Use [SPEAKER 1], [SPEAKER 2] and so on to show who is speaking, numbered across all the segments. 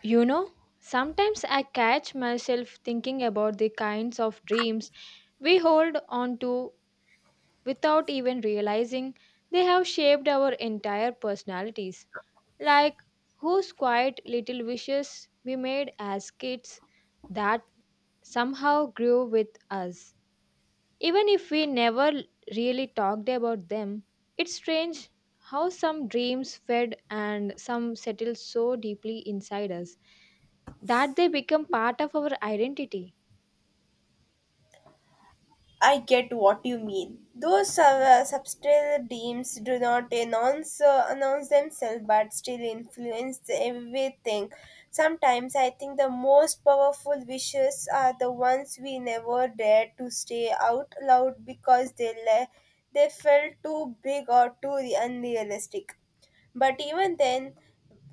[SPEAKER 1] You know, sometimes I catch myself thinking about the kinds of dreams we hold on to without even realizing they have shaped our entire personalities. Like whose quiet little wishes we made as kids that somehow grew with us. Even if we never really talked about them, it's strange how some dreams fed and some settle so deeply inside us that they become part of our identity.
[SPEAKER 2] I get what you mean. Those subtle dreams do not announce announce themselves, but still influence everything. Sometimes I think the most powerful wishes are the ones we never dare to say out loud because they felt too big or too unrealistic. But even then,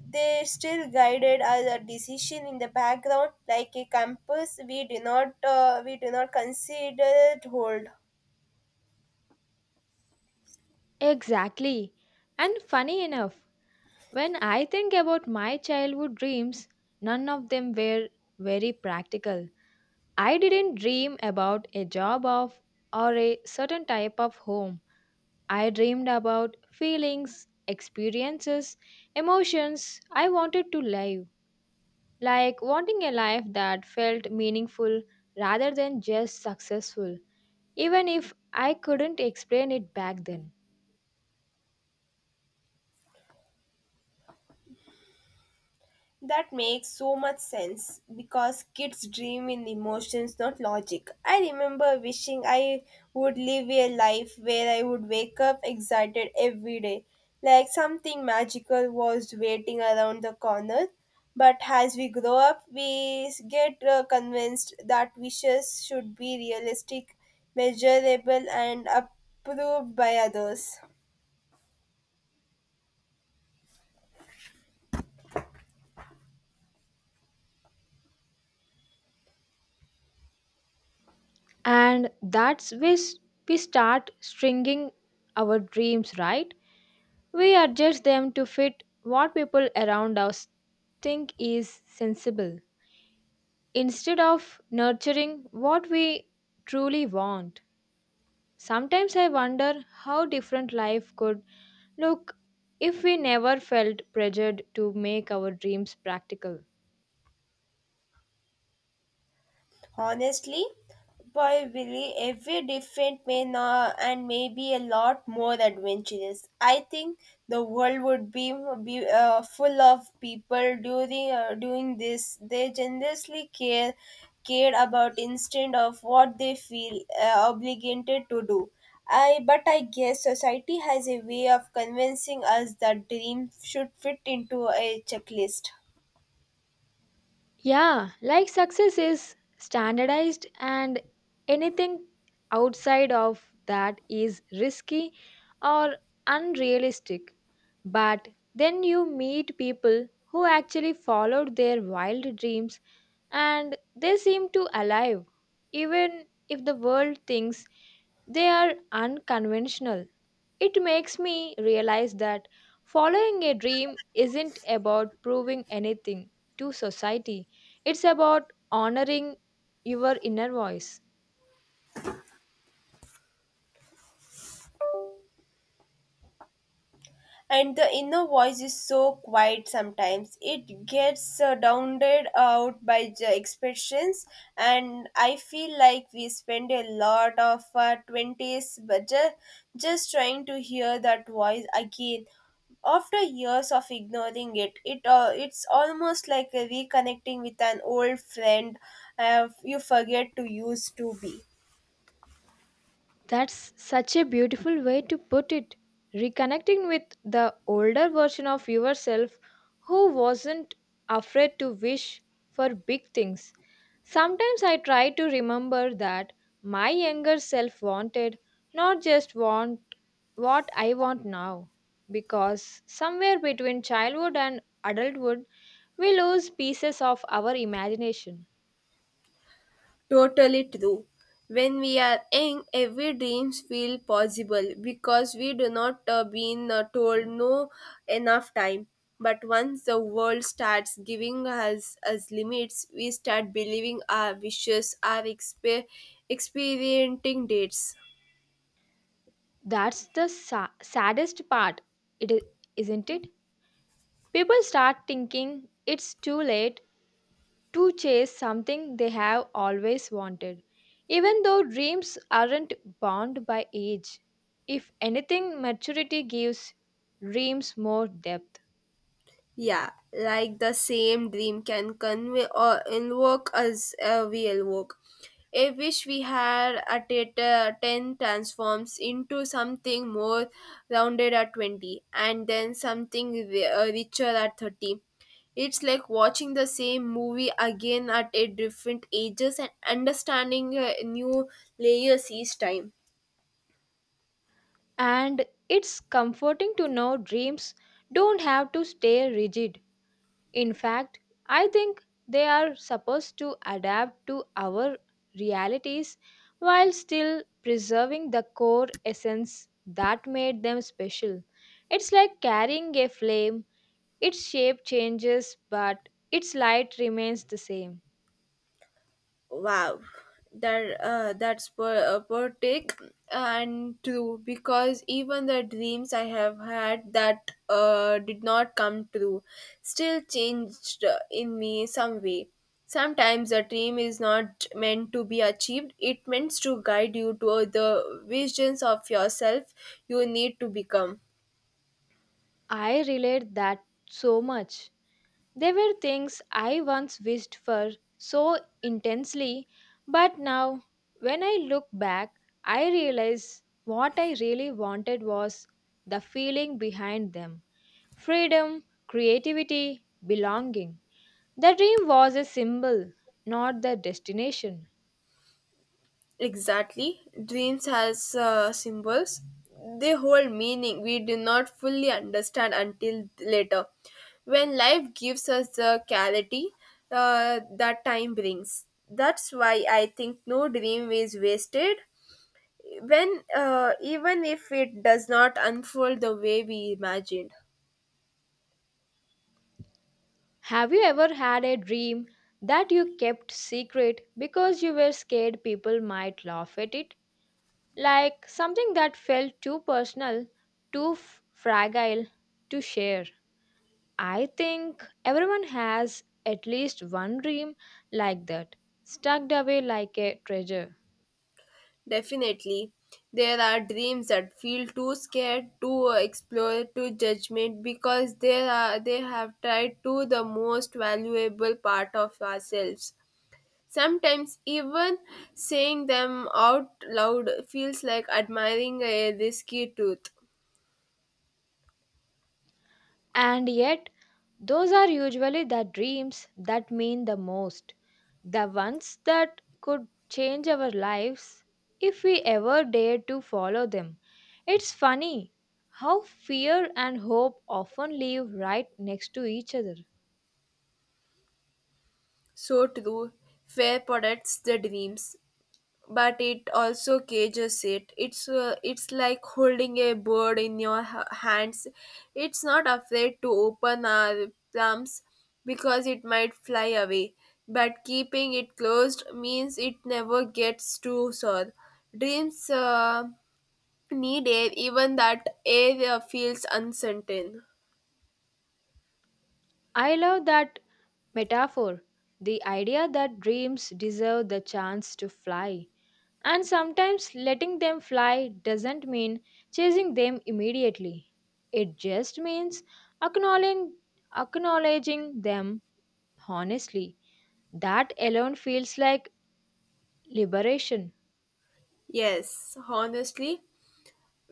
[SPEAKER 2] they still guided our decision in the background like a compass we do not consider it hold.
[SPEAKER 1] Exactly. And funny enough, when I think about my childhood dreams, none of them were very practical. I didn't dream about a job of or a certain type of home. I dreamed about feelings, experiences, emotions I wanted to live, like wanting a life that felt meaningful rather than just successful, even if I couldn't explain it back then.
[SPEAKER 2] That makes so much sense because kids dream in emotions, not logic. I remember wishing I would live a life where I would wake up excited every day, like something magical was waiting around the corner. But as we grow up, get convinced that wishes should be realistic, measurable, and approved by others.
[SPEAKER 1] And that's when we start stringing our dreams, right? We adjust them to fit what people around us think is sensible instead of nurturing what we truly want. Sometimes I wonder how different life could look if we never felt pressured to make our dreams practical.
[SPEAKER 2] Honestly, probably every different may not, and maybe a lot more adventurous. I think the world would be full of people during doing this. They generously cared about instead of what they feel obligated to do. I but I guess society has a way of convincing us that dreams should fit into a checklist.
[SPEAKER 1] Yeah, like success is standardized, and anything outside of that is risky or unrealistic. But then you meet people who actually followed their wild dreams and they seem to alive even if the world thinks they are unconventional. It makes me realize that following a dream isn't about proving anything to society. It's about honoring your inner voice.
[SPEAKER 2] And the inner voice is so quiet sometimes it gets drowned out by the expressions. And I feel like we spend a lot of our 20s just trying to hear that voice again after years of ignoring it. It's almost like reconnecting with an old friend, you forget to use to be.
[SPEAKER 1] That's such a beautiful way to put it, reconnecting with the older version of yourself who wasn't afraid to wish for big things. Sometimes I try to remember that my younger self wanted, not just want what I want now. Because somewhere between childhood and adulthood, we lose pieces of our imagination.
[SPEAKER 2] Totally true. When we are young, every dreams feel possible because we do not been told no enough time. But once the world starts giving us limits, we start believing our wishes are experiencing dates.
[SPEAKER 1] That's the saddest part, it is, isn't it? People start thinking it's too late to chase something they have always wanted. Even though dreams aren't bound by age, if anything, maturity gives dreams more depth.
[SPEAKER 2] Yeah, like the same dream can convey or invoke as a real work. A wish we had at it, 10 transforms into something more rounded at 20 and then something richer at 30. It's like watching the same movie again at a different ages and understanding new layers each time.
[SPEAKER 1] And it's comforting to know dreams don't have to stay rigid. In fact, I think they are supposed to adapt to our realities while still preserving the core essence that made them special. It's like carrying a flame. Its shape changes, but its light remains the same.
[SPEAKER 2] Wow, that's per take and true because even the dreams I have had that did not come true still changed in me some way. Sometimes a dream is not meant to be achieved, it meant to guide you to the visions of yourself you need to become.
[SPEAKER 1] I relate that so much. There were things I once wished for so intensely, but now, when I look back, I realize what I really wanted was the feeling behind them: freedom, creativity, belonging. The dream was a symbol, not the destination.
[SPEAKER 2] Exactly. Dreams has symbols. They hold meaning we do not fully understand until later. When life gives us the clarity that time brings. That's why I think no dream is wasted when even if it does not unfold the way we imagined.
[SPEAKER 1] Have you ever had a dream that you kept secret because you were scared people might laugh at it? Like something that felt too personal, too fragile to share. I think everyone has at least one dream like that, stuck away like a treasure.
[SPEAKER 2] Definitely. There are dreams that feel too scared to explore to judgment because they have tried to the most valuable part of ourselves. Sometimes even saying them out loud feels like admiring a risky truth.
[SPEAKER 1] And yet, those are usually the dreams that mean the most, the ones that could change our lives if we ever dared to follow them. It's funny how fear and hope often live right next to each other.
[SPEAKER 2] So true. Fear protects the dreams, but it also cages it. It's like holding a bird in your hands. It's not afraid to open our plums because it might fly away, but keeping it closed means it never gets to soar. Dreams need air even that air feels uncertain.
[SPEAKER 1] I love that metaphor, the idea that dreams deserve the chance to fly. And sometimes letting them fly doesn't mean chasing them immediately. It just means acknowledging, acknowledging them honestly. That alone feels like liberation.
[SPEAKER 2] Yes, honestly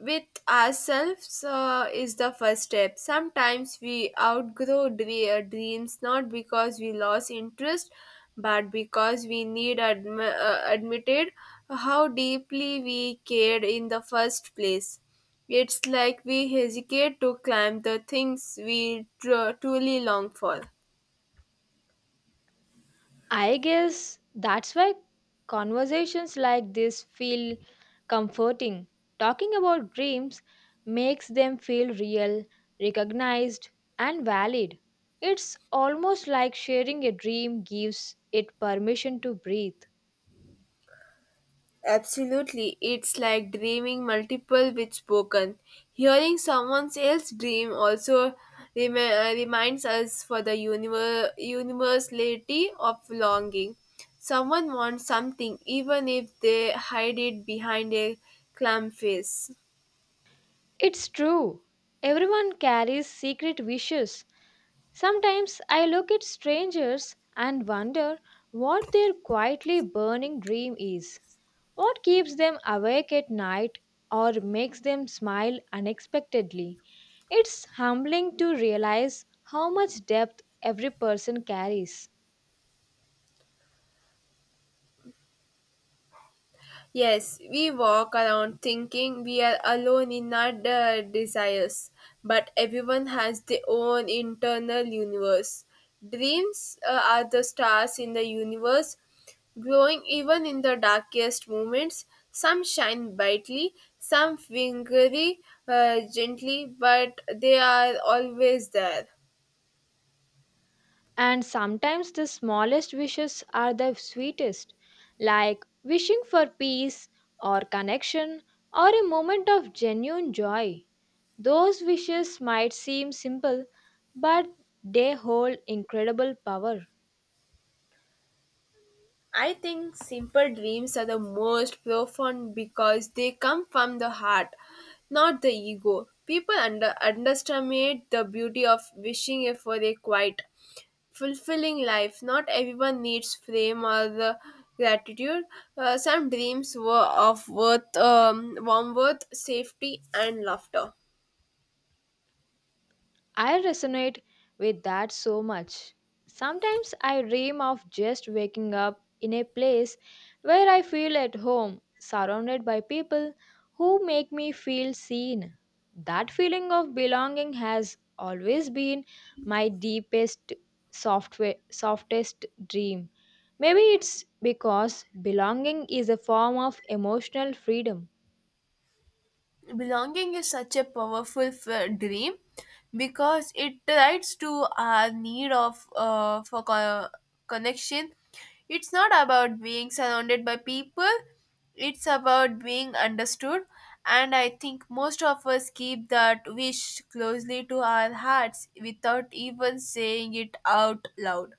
[SPEAKER 2] with ourselves is the first step. Sometimes we outgrow dreams not because we lost interest, but because we need admitted how deeply we cared in the first place. It's like we hesitate to climb the things we truly long for.
[SPEAKER 1] I guess that's why conversations like this feel comforting. Talking about dreams makes them feel real, recognized, and valid. It's almost like sharing a dream gives it permission to breathe.
[SPEAKER 2] Absolutely, it's like dreaming multiple with spoken. Hearing someone else's dream also reminds us for the universality of longing. Someone wants something even if they hide it behind a clam face.
[SPEAKER 1] It's true. Everyone carries secret wishes. Sometimes I look at strangers and wonder what their quietly burning dream is. What keeps them awake at night or makes them smile unexpectedly? It's humbling to realize how much depth every person carries.
[SPEAKER 2] Yes, we walk around thinking we are alone in our desires, but everyone has their own internal universe. Dreams are the stars in the universe, glowing even in the darkest moments. Some shine brightly, some flicker gently, but they are always there.
[SPEAKER 1] And sometimes the smallest wishes are the sweetest, like wishing for peace or connection or a moment of genuine joy. Those wishes might seem simple, but they hold incredible power.
[SPEAKER 2] I think simple dreams are the most profound because they come from the heart, not the ego. People underestimate the beauty of wishing for a quiet, fulfilling life. Not everyone needs fame or the gratitude. Some dreams were of worth, warm worth, safety, and laughter.
[SPEAKER 1] I resonate with that so much. Sometimes I dream of just waking up in a place where I feel at home, surrounded by people who make me feel seen. That feeling of belonging has always been my softest dream. Maybe it's because belonging is a form of emotional freedom.
[SPEAKER 2] Belonging is such a powerful dream because it writes to our need of for connection. It's not about being surrounded by people, it's about being understood. And I think most of us keep that wish closely to our hearts without even saying it out loud.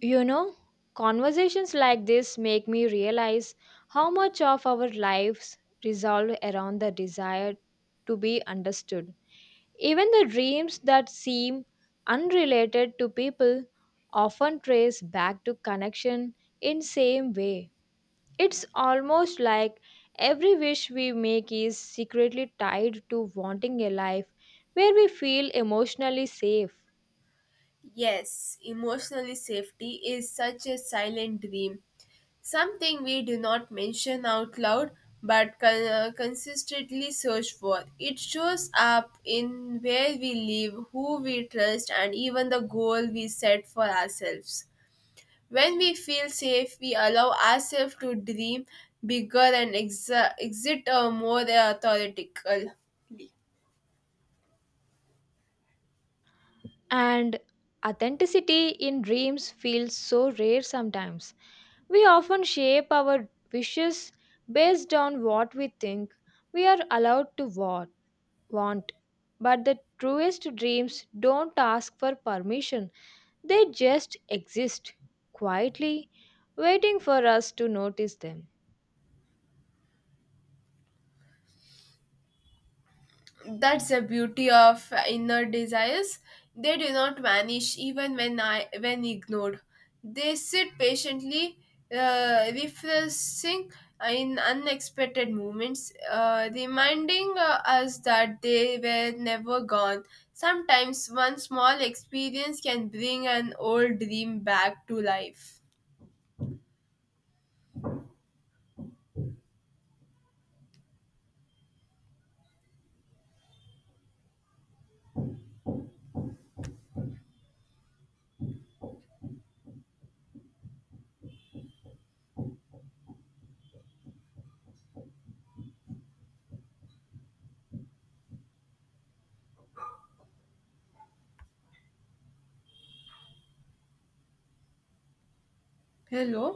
[SPEAKER 1] You know, conversations like this make me realize how much of our lives resolve around the desire to be understood. Even the dreams that seem unrelated to people often trace back to connection in same way. It's almost like every wish we make is secretly tied to wanting a life where we feel emotionally safe.
[SPEAKER 2] Yes, emotionally safety is such a silent dream. Something we do not mention out loud but consistently search for. It shows up in where we live, who we trust, and even the goal we set for ourselves. When we feel safe, we allow ourselves to dream bigger and exit more authoritatively.
[SPEAKER 1] And authenticity in dreams feels so rare sometimes. We often shape our wishes based on what we think we are allowed to want. But the truest dreams don't ask for permission, they just exist quietly, waiting for us to notice them.
[SPEAKER 2] That's the beauty of inner desires. They do not vanish even when ignored. They sit patiently, refreshing in unexpected moments, reminding us that they were never gone. Sometimes one small experience can bring an old dream back to life. Hello.